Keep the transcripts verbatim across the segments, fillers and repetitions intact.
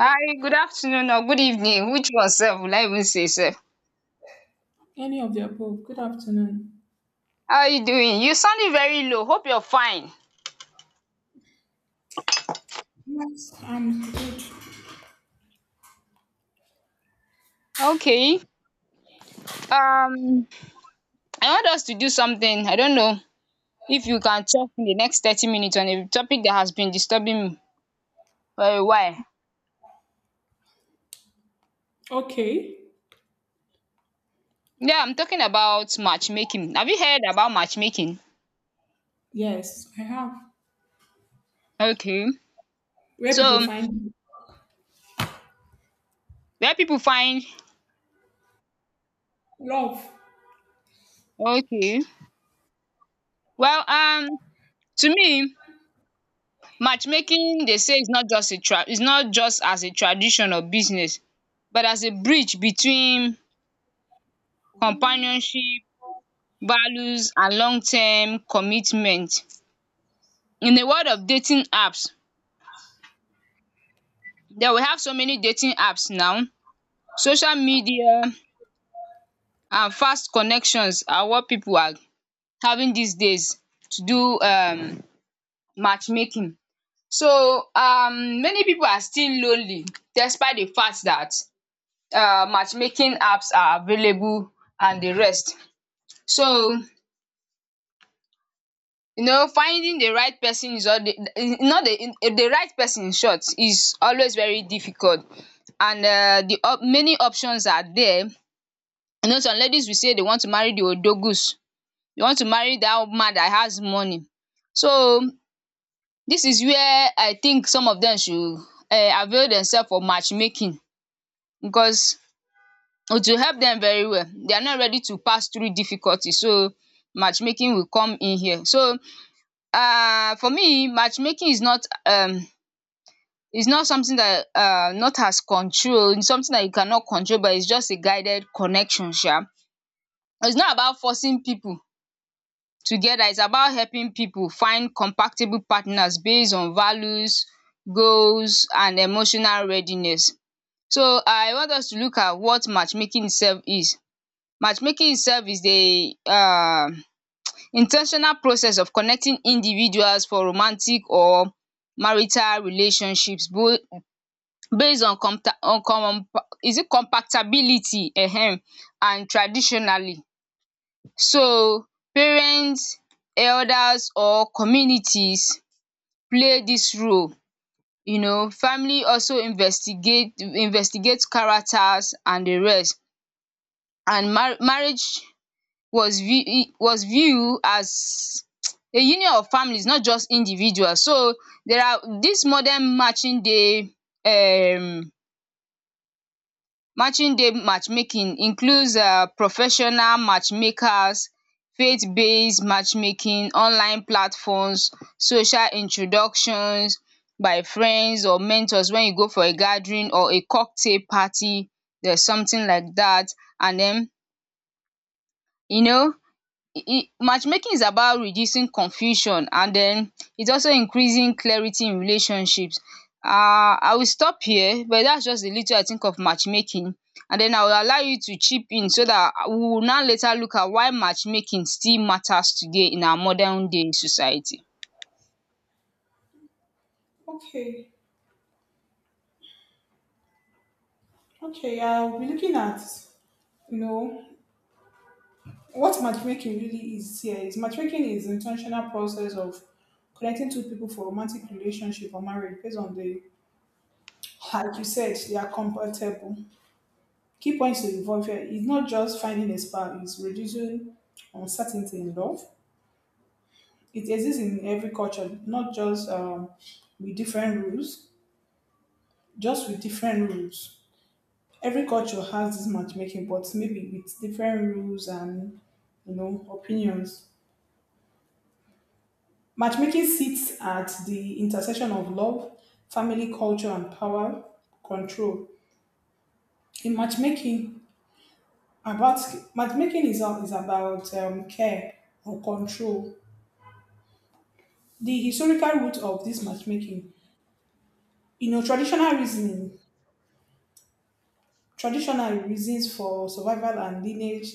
Hi, good afternoon or good evening. Which one sir? Will I even say sir? Any of the above. Good afternoon. How are you doing? You sounding very low. Hope you're fine. Yes, I'm good. Okay. Um, I want us to do something. I don't know if you can talk in the next thirty minutes on a topic that has been disturbing me for a while. Okay. Yeah, I'm talking about matchmaking. Have you heard about matchmaking? Yes, I have. Okay. Where people So find where people find. love. Okay. Well, um, to me, matchmaking they say is not just a tra is not just as a tradition or business but as a bridge between companionship, values and long term commitment. In the world of dating apps, then we have so many dating apps now. Social media and fast connections are what people are having these days to do um matchmaking. So um many people are still lonely despite the fact that. Uh, matchmaking apps are available and the rest. So, you know, finding the right person is all the not the the right person in short is always very difficult, and um the op many options are there. You know, some ladies will say they want to marry the odogus, they want to marry dat man dat has money. So dis is where I think some of dem should um avail themselves for matchmaking, because it will help them very well. They are not ready to pass through difficulty. So matchmaking will come in here. So, um for me, matchmaking is not um is not something that um not as control. It's something that you cannot control, but it's just a guided connection sha. It's not about forcing people together. It's about helping people find compatible partners based on values, goals and emotional readiness. So I want us to look at what matchmaking itself is. Matchmaking itself is the um in process of connecting individuals for romantic or marital relationships bo- based on compta- on com- is it compatibility, um and traditionally. So parents, elders or communities play this role you know. Family also investigate investigates characters and the rest, and mar- marriage was view was viewed as a union of families, not just individuals. So there are this modern matching day um matching day matchmaking includes um professional matchmakers, faith based matchmaking, online platforms, social introductions by friends or mentors. When you go for a gathering or a cocktail party, there's something like that, and then, you know it, it, matchmaking is about reducing confusion, and then it's also increasing clarity in relationships. Uh, I will stop here, but that's just a little I think of matchmaking. And then I will allow you to chip in so that we will now later look at why matchmaking still matters today in our modern day society. Okay, okay. I'll be looking at, you know, what matchmaking really is here. Is matchmaking is intentional process of connecting two people for romantic relationship or marriage based on the, like you said, they are compatible. Key points to involve here is not just finding a spouse, it's reducing uncertainty in love, it exists in every culture, not just um, with different rules, just with different rules. Every culture has this matchmaking, but maybe with different rules and you know opinions. Matchmaking sits at the intersection of love, family, culture, and power control. In matchmaking, about matchmaking is, a- is about um, care or control. The historical root of this matchmaking, you know, traditional reasoning traditional reasons for survival and lineage,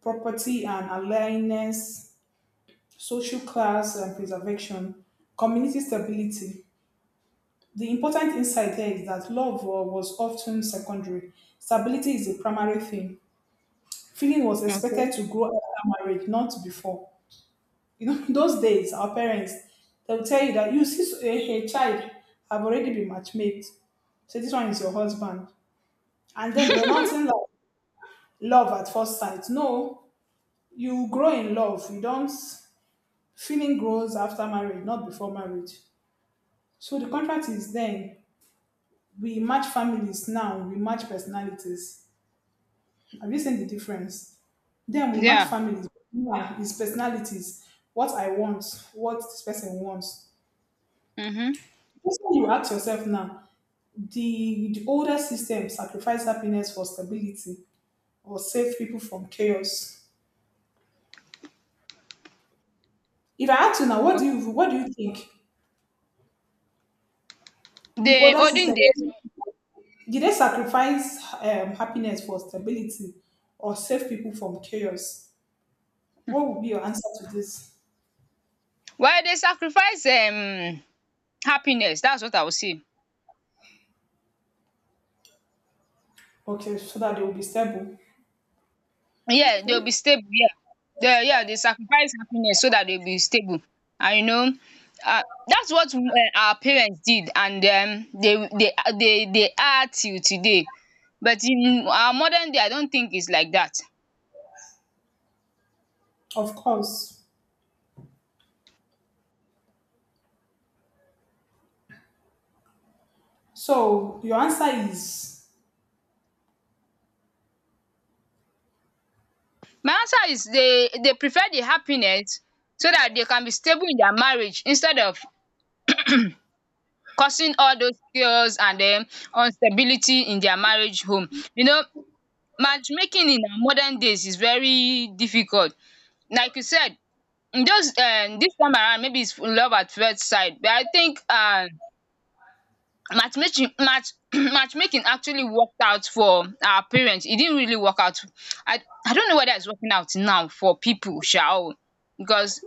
property and alliance, social class and preservation, community stability. The important insight here is that love wa- was often secondary. Stability is the primary thing. Feeling was expected Okay. to grow after marriage, not before. You know, in those days, our parents, they will tell you that you see a, a child have already been matchmade. So this one is your husband. And then they were not in love, love at first sight. No, you grow in love, you don't feeling grows after marriage, not before marriage. So the contract is then we match families, now we match personalities. Have you seen the difference? Then we match Yeah. families, now it's personalities. What I want, what this person wants. Mm-hmm. This one you ask yourself now. The, the older system, sacrifice happiness for stability or save people from chaos? If I ask you now, what do Okay. you, what do you think? The The older olden system, days. did they sacrifice um, happiness for stability or save people from chaos? What would be your answer to this? Why they sacrifice um happiness. That's what I will say. Okay, so that they will be stable. Yeah, they'll be Okay, stable, yeah. They, yeah, they sacrifice happiness so that they'll be stable. And, you know, uh, that's what, uh, our parents did, and um, they they uh, they they are till today. But in our modern day, I don't think it's like that. of course. So your answer is My answer is they they prefer the happiness so that they can be stable in their marriage instead of causing all those chaos and then instability in their marriage home. You know, matchmaking in our modern days is very difficult. Like you said, Mm, just um dis time around maybe it's love at first sight, but I think um matchmaking match matchmaking actually worked out for our parents. It didn't really work out. I I don't know whether it's working out now for people, shall o, because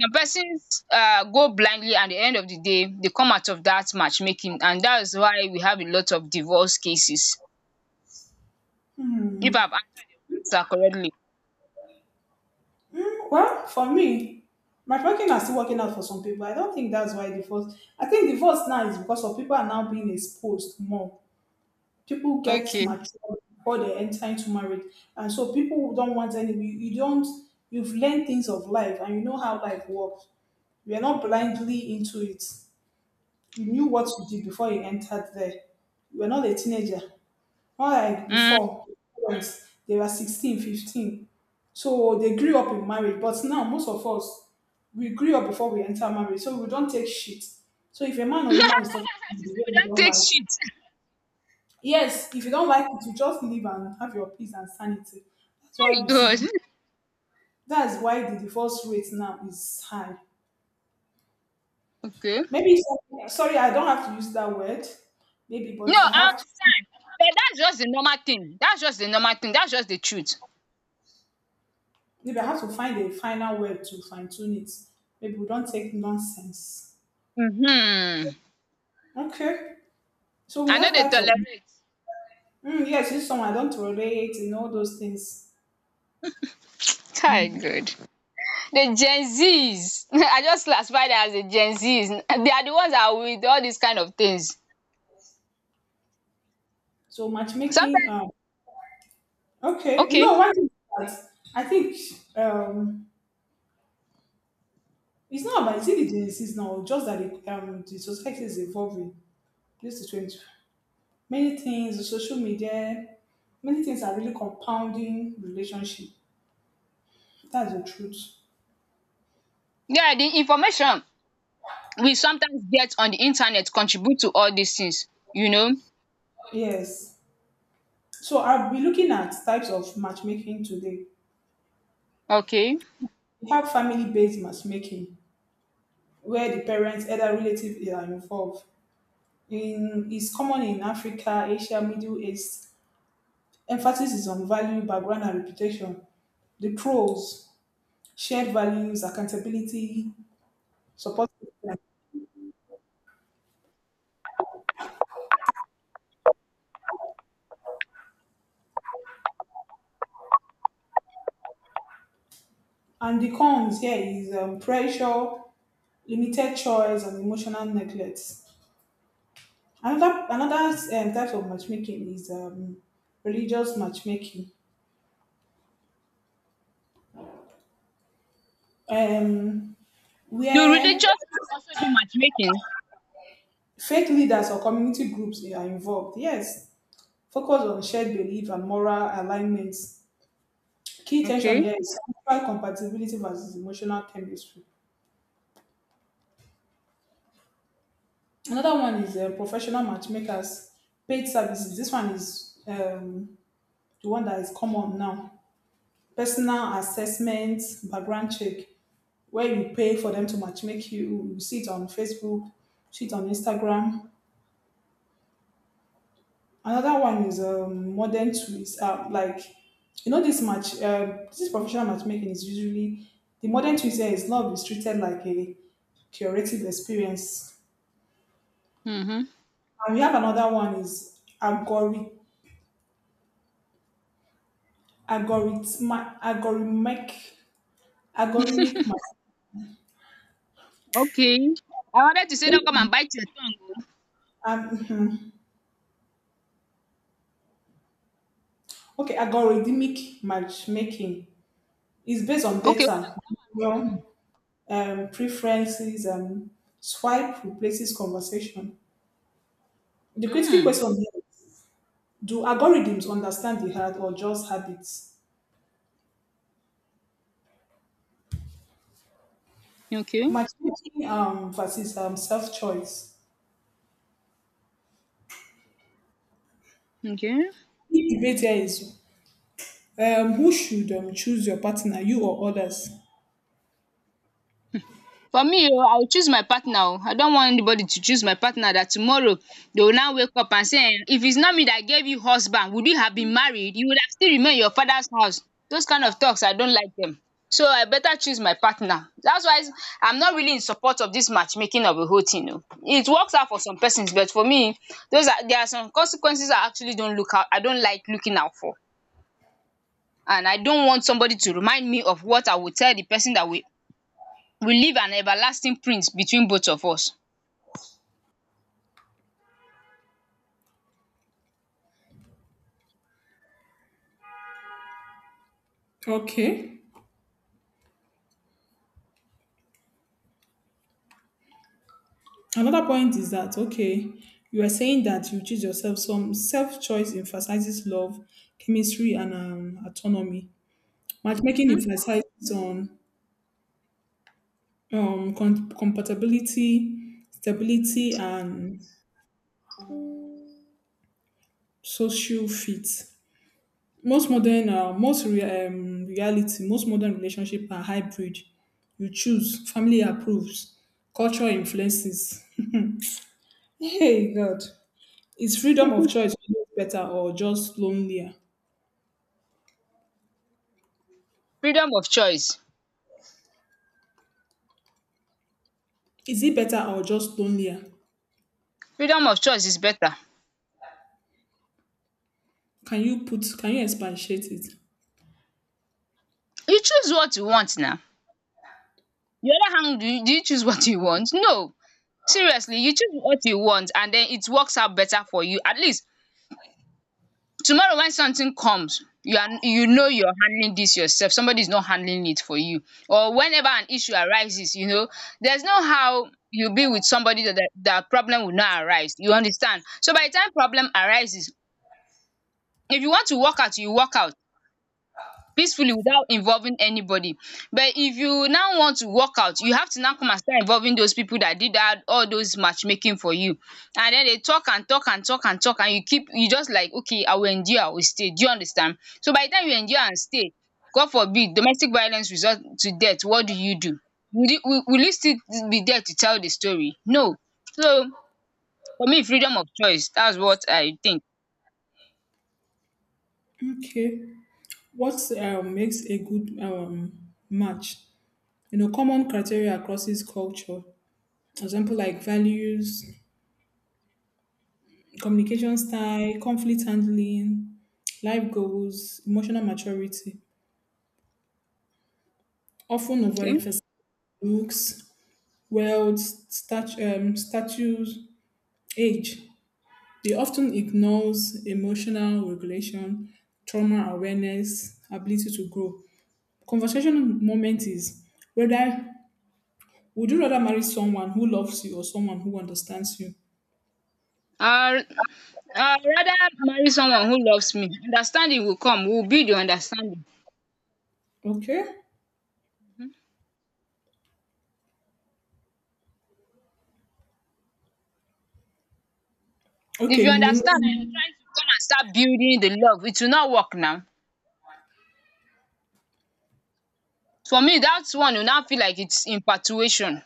some persons um go blindly and at the end of the day they come out of that matchmaking, and that is why we have a lot of divorce cases, hmm, if I've answered her correctly. well, for me. My parking are still working out for some people. I don't think that's why divorce. I think divorce now is because of people are now being exposed more. People get Okay. mature before they enter into marriage, and so people don't want any, you, you don't you've learned things of life, and you know how life works. You're not blindly into it. You knew what you did before you entered there. You were not a teenager, not like um before. Parents, they were sixteen, fifteen, so they grew up in marriage, but now most of us, we grew up before we enter marriage, so we don't take shit. So if a man or she woman is talking to you the said we way you don't don't take like. shit. Yes, if you don't like it, you just leave and have your peace and sanity. That's why we see, God. that's why the divorce rate now is high. Okay. Maybe, some- sorry, I don't have to use that word, maybe, No, but I I have to, understand. But that's just the normal thing. That's just the normal thing. That's just the truth. maybe I have to find a final word to fine tune it. Maybe we don't take nonsense. Mm-hmm. Okay. So we I know have they types of, tolerate. mm, yes, this one I don't tolerate and all those things. Kai, good. The Gen Zs. I just classify them as the Gen Zs. They are the ones that are with all these kind of things. So matchmaking, Sometimes, um, okay. You okay. know, one thing that I think, um, it's not about, it's in the genesis now, just that the, um, the society is evolving. This is twenty. Many things, the social media, many things are really compounding relationship. That's the truth. Yeah, the information we sometimes get on the internet contribute to all these things. You know? Yes. So I'll be looking at types of matchmaking today. Okay. We have family-based matchmaking, where the parents, elder relatives are involved. In is common in Africa, Asia, Middle East. Emphasis is on value, background, and reputation. The pros: shared values, accountability, support. And the cons here is um, pressure, limited choice, and emotional neglect. Another another um, type of matchmaking is um, religious matchmaking, um, Do where religious people also do matchmaking? faith leaders or community groups are involved. Yes, focus on shared belief and moral alignments. Key tension Okay. here is spiritual compatibility versus emotional chemistry. Another one is uh, professional matchmakers, paid services. This one is um, the one that is common now. Personal assessment, background check, where you pay for them to matchmake you. You see it on Facebook, see it on Instagram. Another one is um, modern tools, uh, like you know this match, uh, this professional matchmaking is usually the modern tools here is not restricted like a curative experience. Mm-hmm. And we have another one is algorithm, algorithmic, algorithmic, algorithmic. ma- Okay. I wanted to say don't come and bite your tongue. Um, okay, algorithmic matchmaking. It's based on Oh. Okay. data, behavior, um, preferences, and swipe replaces conversation. The critical Hmm. question here is, do algorithms understand the heart or just habits? Okay, Matchmaking um, versus um, self-choice. okay. The debate here is um, who should um, choose your partner, you or others? For me oh, I will choose my partner oh. I don't want anybody to choose my partner, that tomorrow they will now wake up and say, um if it's not me that gave you husband, would you have been married? You would have still remained in your father's house. Those kind of talks, I don't like them. So I better choose my partner. That's why I'm not really in support of this matchmaking of a whole thing oh. It works out for some persons, but for me, those are there are some consequences I actually don't look out I don't like looking out for. And I don't want somebody to remind me of what I would tell the person that will will leave an everlasting print between both of us. Okay. Another point is that okay, you are saying that you choose yourself. Some self choice emphasizes love, chemistry, and um, autonomy. Matchmaking um emphasizes on um, com- compatibility, stability, and social fit. Most modern, uh, most rea- um, reality, most modern relationship are hybrid. You choose, family approves, culture influences. Hey God, is freedom of choice better or just lonelier? Freedom of choice. Is it better or just lonelier? Freedom of choice is better. Can you put? Can you expatiate it? You choose what you want now. The other hand, do you do you choose what you want? No. Seriously, you choose what you want and then it works out better for you. At least tomorrow when something comes, you are, you know you're handling this yourself. Somebody is not handling it for you. Or whenever an issue arises, you know, there's no how you be with somebody that that that problem will not arise. You understand? So by the time problem arises, if you want to work out, you work out peacefully without involving anybody. But if you now want to work out, you have to now come and start involving those people that did that, all those matchmaking for you. And then they talk and talk and talk and talk and you keep you just like okay I will endure, I will stay. Do you understand? So by the time you endure and stay, God forbid domestic violence result to death, what do you do? Will you will will you still be there to tell the story? No. So for me, freedom of choice, that's what I think. Okay. What um, makes a good um, match? You know, common criteria across this culture. For example, like values, communication style, conflict handling, life goals, emotional maturity. Often Okay. overemphasize looks, wealth, stat- um, status, age. They often ignores emotional regulation, trauma awareness, ability to grow. Conversational moment is whether would you rather marry someone who loves you or someone who understands you? I'll i rather marry someone who loves me. Understanding will come. We'll build your understanding. Okay. If Okay, you you will. understand and you're Know. trying to come and start building the love, it will not work now. For me, that one will now feel like it's infatuation.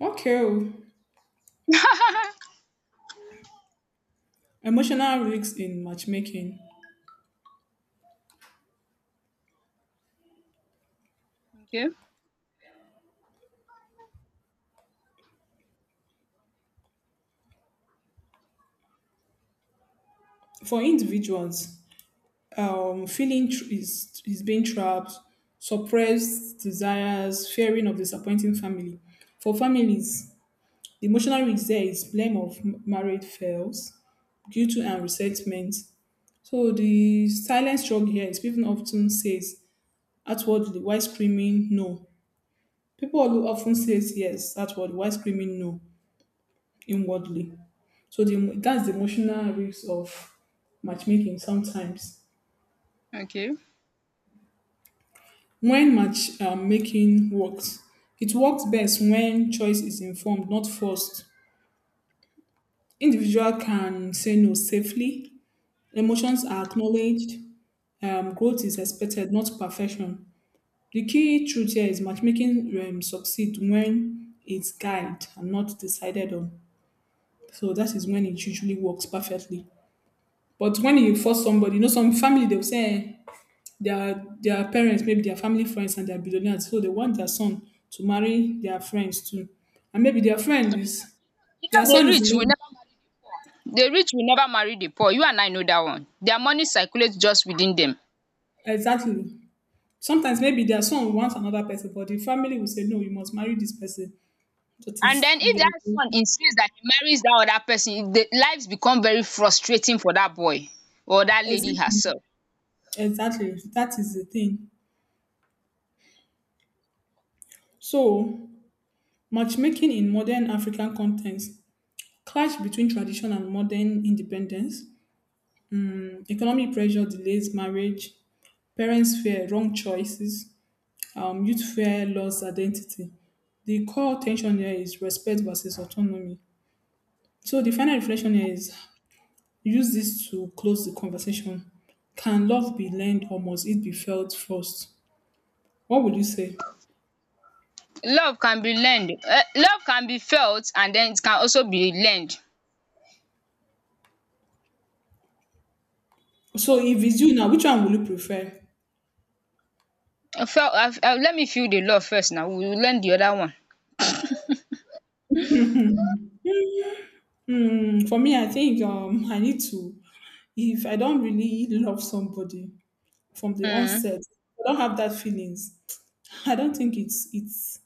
Okay. Oh. Emotional risks in matchmaking. Okay, For individuals, um, feeling tr- is, is being trapped, suppressed desires, fearing of disappointing family. For families, the emotional risk there is blame of m- married fails, guilt and resentment. So the silent struggle here is people often says outwardly while screaming no. People who often says yes outwardly while screaming no inwardly. So the, that's the emotional risk of matchmaking sometimes. okay. When match um, making works, it works best when choice is informed, not forced. Individual can say no safely. Emotions are acknowledged. Um, growth is expected, not perfection. The key truth here is matchmaking um, succeed when it's guided and not decided on. So that is when it usually works perfectly. But when you force somebody, you know, some family they will say, "Eh, their their parents, maybe their family friends and their are billionaires, so they want their son to marry their friends too. And maybe their friend is You their know the son is rich will in- never marry the poor. The rich will never marry the poor. You and I know that one. Their money circulates just within them. exactly. Sometimes maybe their son wants another person, but the family will say, No, you must marry this person. That And is then if that son insists that he marries that other person, the lives become very frustrating for that boy or that lady exactly herself. exactly that is the thing. So matchmaking in modern African context clash between tradition and modern independence. Economic pressure delays marriage, parents fear wrong choices, um, youth fear loss identity. The core tension here is respect versus autonomy. So the final reflection here is use this to close the conversation. Can love be learned or must it be felt first? What would you say? Love can be learned, um love can be felt, and then it can also be learned. So if it's you now, which one will you prefer? I felt, I, I, let me feel the love first, now we will learn the other one. Hmm, for me, I think um, I need to. If I don't really love somebody from the um onset, I don't have that feelings. I don't think it's it's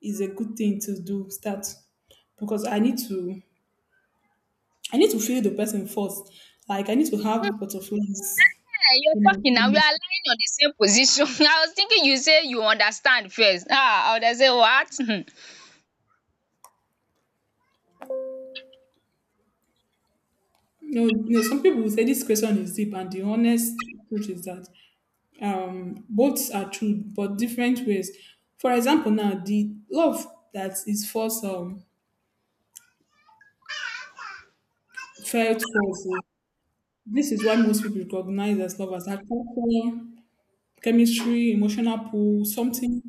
is a good thing to do. Start because I need to I need to feel the person first. Like I need to have butterflies you in are my talking, now we are tummy. lying on the same position. I was thinking you say you understand first, ah I would have said what. um You know, you know, some people will say this question is deep, and the honest truth is that um, both are true, but different ways. For example, now the love that is first um, felt first. uh, This is why most people recognize as love as agriculture, chemistry, emotional pull, something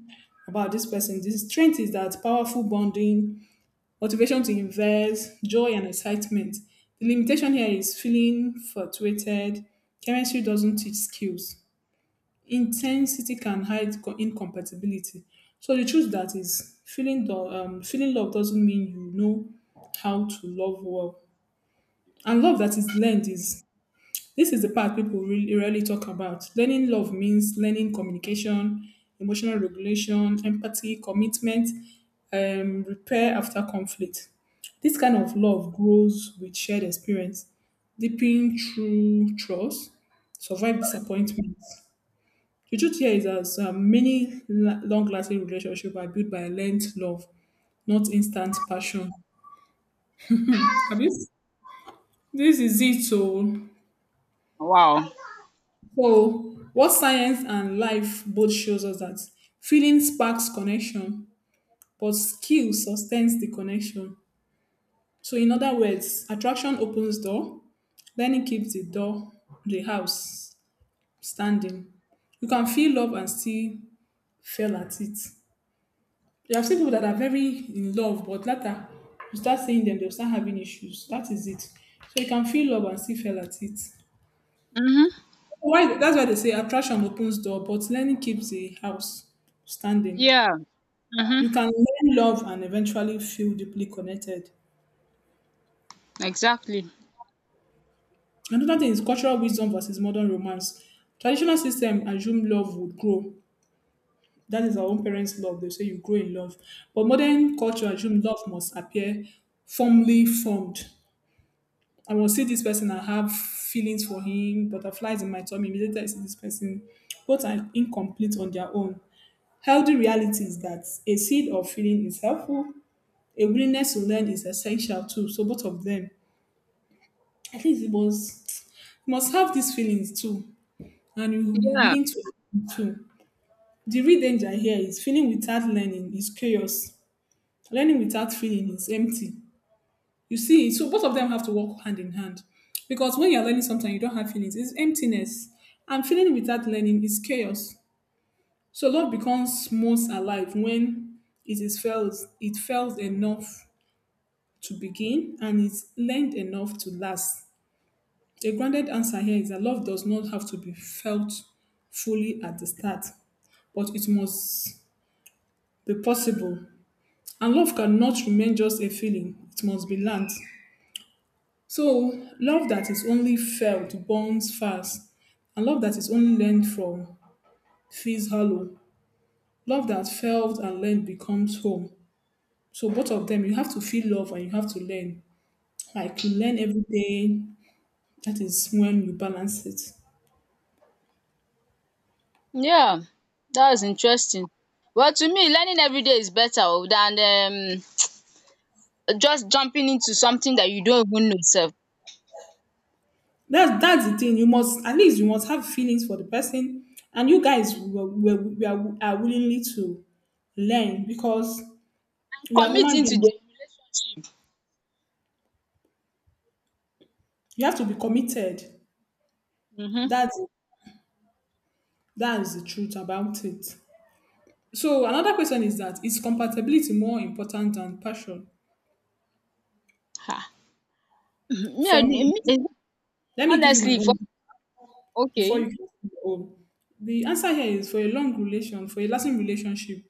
about this person. The strength is that powerful bonding, motivation to invest, joy and excitement. The limitation here is feeling fluctuated. Chemistry doesn't teach skills. Intensity can hide co- incompatibility. So the truth that is feeling the um, feeling love doesn't mean you know how to love well. And love that is learned is this is the part people really rarely talk about. Learning love means learning communication, emotional regulation, empathy, commitment, um, repair after conflict. This kind of love grows with shared experience, deepening true trust, survive disappointment. The truth here is that um, many long lasting relationships are built by learned love, not instant passion. Abi? This is it. So Wow. So, what science and life both shows us that feeling sparks connection, but skill sustains the connection. So, in other words, attraction opens door, learning keeps the door, the house standing. You can feel love and still fail at it. You have seen people that are very in love, but later you start seeing them, they'll start having issues. That is it. So you can feel love and still fail at it. um Why? That's why they say attraction opens door, but learning keeps the house standing. yeah. You um can learn love and eventually feel deeply connected. exactly. Another thing is cultural wisdom versus modern romance. Traditional system assume love would grow. That is our own parents' love. They say you grow in love. But modern culture assume love must appear firmly formed. I will see this person, I have feelings for him, butterflies in my tummy. Immediately I see this person. Both are incomplete on their own. Healthy reality is that a seed of feeling is helpful. A willingness to learn is essential too. So both of them, at least it was, you must have these feelings too, and you will be Yeah, willing to too. The real danger here is feeling without learning is chaos. Learning without feeling is empty. You see, so both of them have to work hand in hand. Because when you're learning something, you don't have feelings, it's emptiness. And feeling without learning is chaos. So love becomes most alive when it is felt it felt enough to begin and it's learned enough to last. A grounded answer here is that love does not have to be felt fully at the start, but it must be possible. And love cannot remain just a feeling, it must be learned. So, love that is only felt burns fast, and love that is only learned from feels hollow. Love that felt and learned becomes home. So, both of them, you have to feel love and you have to learn. Like you learn every day, that is when you balance it. yeah, that's interesting. Well, to me, learning everyday is better oh than um just jumping into something that you don't even know sef. That's that's the thing. You must, at least you must have feelings for the person, and you guys were, were, we are, are willingly to learn because we are Commit human into the beings. relationship. You have to be committed. Mhm. That's that is the truth about it. So another question is, that is compatibility more important than passion? Ah. Me, I, For me, me, eh let me give you my honestly for, own before you okay. can give your own. The answer here is, for a long relation, for a lasting relationship,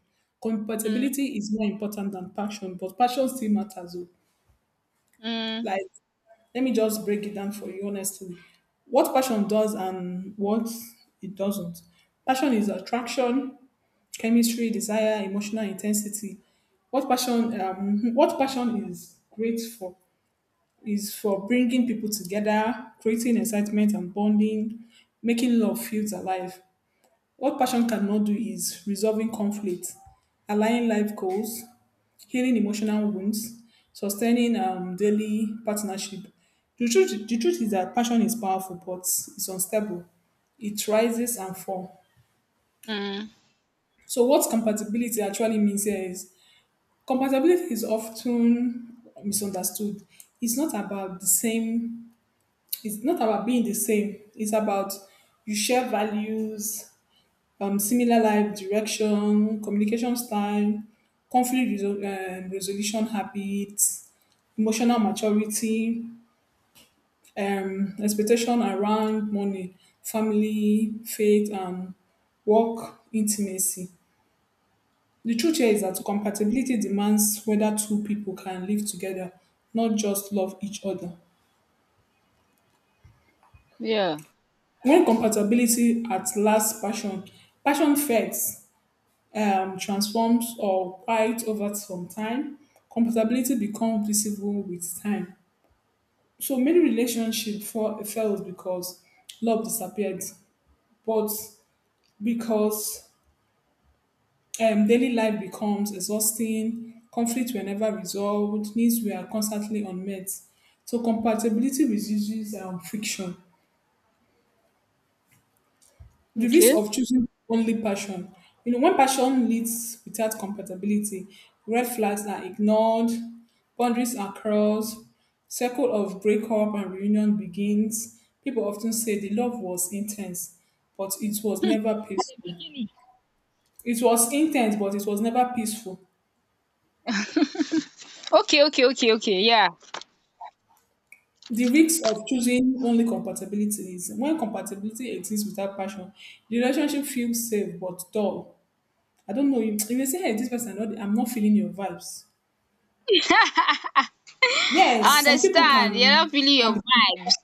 Mm, compatibility is more important than passion, but passion still matters. Oh. mm, Like, let me just break it down for you honestly. What passion does and what it doesn't. Passion is attraction, chemistry, desire, emotional intensity. What passion? Um, what passion is great for is for bringing people together, creating excitement and bonding, making love feels alive. What passion cannot do is resolving conflict, aligning life goals, healing emotional wounds, sustaining um, daily partnership. The truth, the truth is that passion is powerful, but it's unstable. It rises and falls. mm. So, what compatibility actually means here is, compatibility is often misunderstood. It's not about the same. It's not about being the same. It's about, you share values, um, similar life direction, communication style, conflict resol- um, resolution habits, emotional maturity, um, expectation around money, family, faith, um, work, intimacy. The truth here is that compatibility demands whether two people can live together, not just love each other. Yeah. When compatibility at last passion, passion fades, um, transforms or quiet over some time. Compatibility becomes visible with time. So many relationships fall, failed because love disappeared, but because um, daily life becomes exhausting, conflicts were never resolved, needs were constantly unmet. So compatibility reduces um, friction. The Okay. risk At of choosing only passion. You know, when passion leads without compatibility, red flags are ignored, boundaries are crossed, circle of breakup and reunion begins. People often say the love was intense, but it was never the peaceful. beginning. It was intense, but it was never peaceful. Okay, okay, okay, okay. Yeah. The risk of choosing only compatibility is, when compatibility exists without passion, the relationship feels safe but dull. I don't know you. If you say, hey, this person, I know- I'm not feeling your vibes. I Yes, some people understand. You're not can feeling can your be vibes.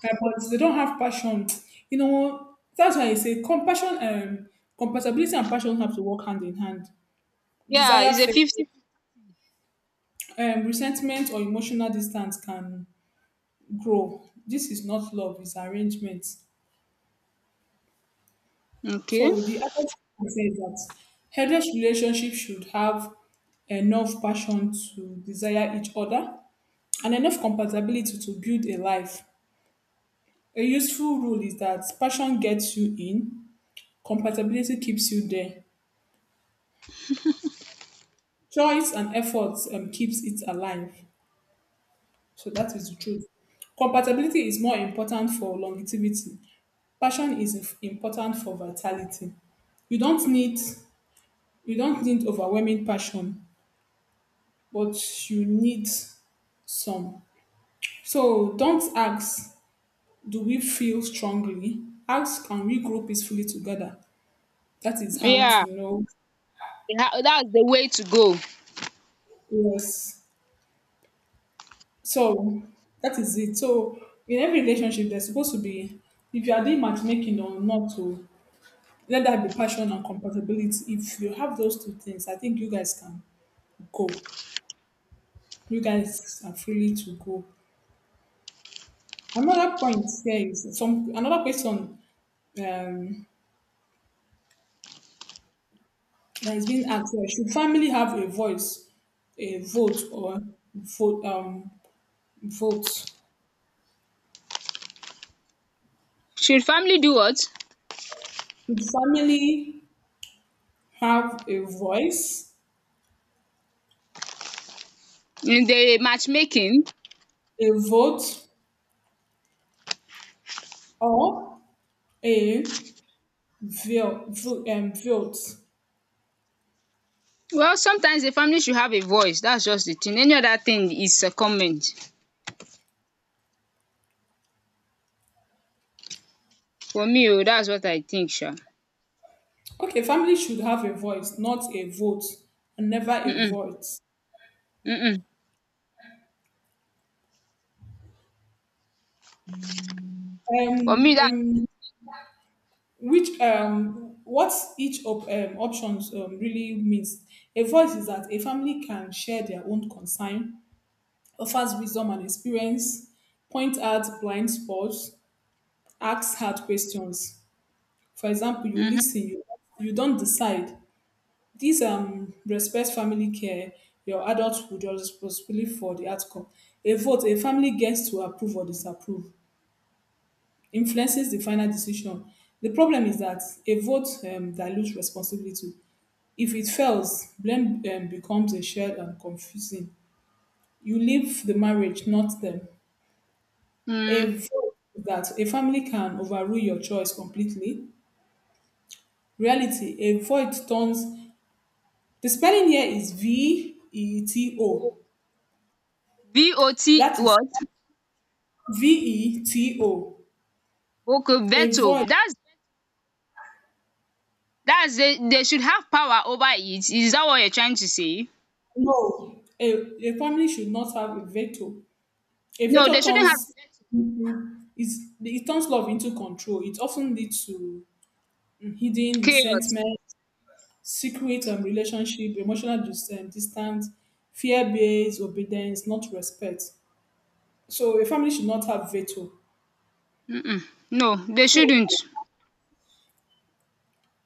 compatible, but they don't have passion. You know, that's why I say compassion, um, compatibility and passion have to work hand in hand. Yeah, Desire, it's a faith, fifty. um, resentment or emotional distance can grow. This is not love; it's arrangement. Okay. So the other thing I say is that headless relationship should have enough passion to desire each other and enough compatibility to build a life. A useful rule is that passion gets you in, compatibility keeps you there. Choice and effort um, keeps it alive. So that is the truth. Compatibility is more important for longevity. Passion is inf- important for vitality. You don't need you don't need overwhelming passion, but you need some. So don't ask, do we feel strongly? Ask, can we grow peacefully together? That is how Yeah. to know. Yeah, that's the way to go. Yes. So that is it. So in every relationship, there's supposed to be, if you are doing matchmaking or not, to let that be passion and compatibility. If you have those two things, I think you guys can go. You guys are freely to go. Another point here is, some another question um, that is being asked here. Should family have a voice, a vote, or vote? Um, vote? Should Should family do what? family have a voice, In the matchmaking? a vote, or a Vo- vo- um, vote. Well, sometimes the family should have a voice. That's just the thing. Any other thing is a comment. For me, oh, that's what I think, sure. Okay, family should have a voice, not a vote, and never a Mm-mm. vote. Mm-mm. For Um, me, that. um, which um, what each op- um, options um, really means. A voice is that a family can share their own concern, offers wisdom and experience, point out blind spots, asks hard questions. For example, you Mhm. listen, you, you don't decide. Dis um Respect family care, your adulthood, your responsibility for the outcome. A vote, a family gets to approve or disapprove, influences the final decision. The problem is that a vote um dilutes responsibility. If it fails, blame um becomes a shared and confusing. You leave the marriage, not them. A Mm. vote, that a family can overrule your choice completely. Reality, a vote turns, the spelling here is V E T O. V O T That is what? VETO, Okay, a veto. void, That's that's they, they should have power over it. Is that what you're trying to say? no, a, a family should not have a veto. A No, they veto shouldn't have turns into, is, it turns love into control. It often leads to hidden chaos. resentment, secret um, relationship, emotional dis- um, distance, fear-based obedience, not respect. So a family should not have veto. Mm-mm. No, they So shouldn't.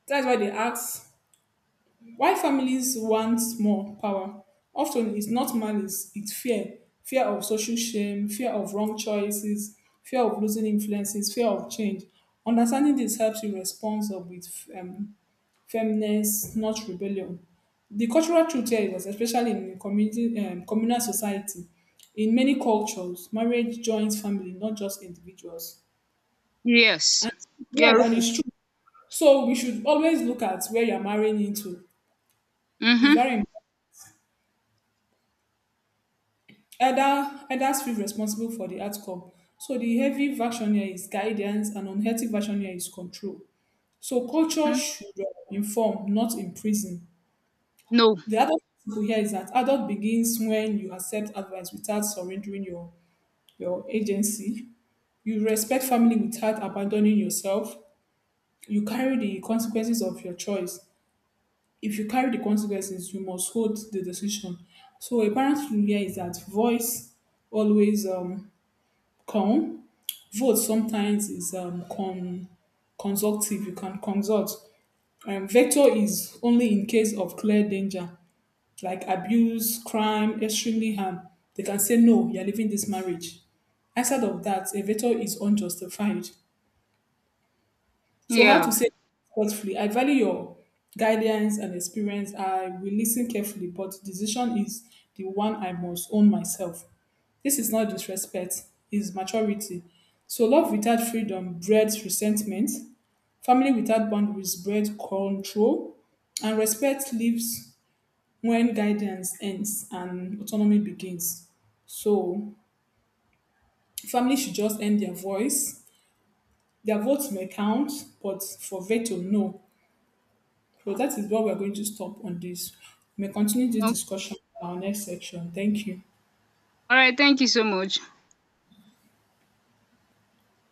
that's why they ask, why families want more power often is not malice, it's fear. Fear of social shame, fear of wrong choices, fear of losing influences, fear of change. Understanding this helps you respond up with um, firmness, not rebellion. The cultural truth here is that, especially in community, um, communal society, in many cultures, marriage joins family, not just individuals. Yes, And you're yes, and right. it's true. So we should always look at where you're marrying into. It's very Mm-hmm. important. Elder, elders feel responsible for the outcome. So the heavy version here is guidance, and unhealthy version here is control. So culture Mm-hmm. should uh, inform, not imprison. No. The adult principle here is that adult begins when you accept advice without surrendering your your agency. You respect family without abandoning yourself. You carry the consequences of your choice. If you carry the consequences, you must hold the decision. So a parent's rule here is that voice always um, calm, vote sometimes is um, con- consultive. You can consult. Um, veto is only in case of clear danger, like abuse, crime, extremely harm. They can say, no, you're leaving this marriage. Outside of that, a veto is unjustified. So, how Yeah. to say thoughtfully? I value your guidance and experience. I will listen carefully, but decision is the one I must own myself. This is not disrespect, it's maturity. So, love without freedom breeds resentment. Family without boundaries breed control, and respect lives when guidance ends and autonomy begins. So, family should just end their voice. Their votes may count, but for veto, no. So, that is what we're going to stop on this. We may continue this Okay. discussion in our next section. Thank you. All right. Thank you so much.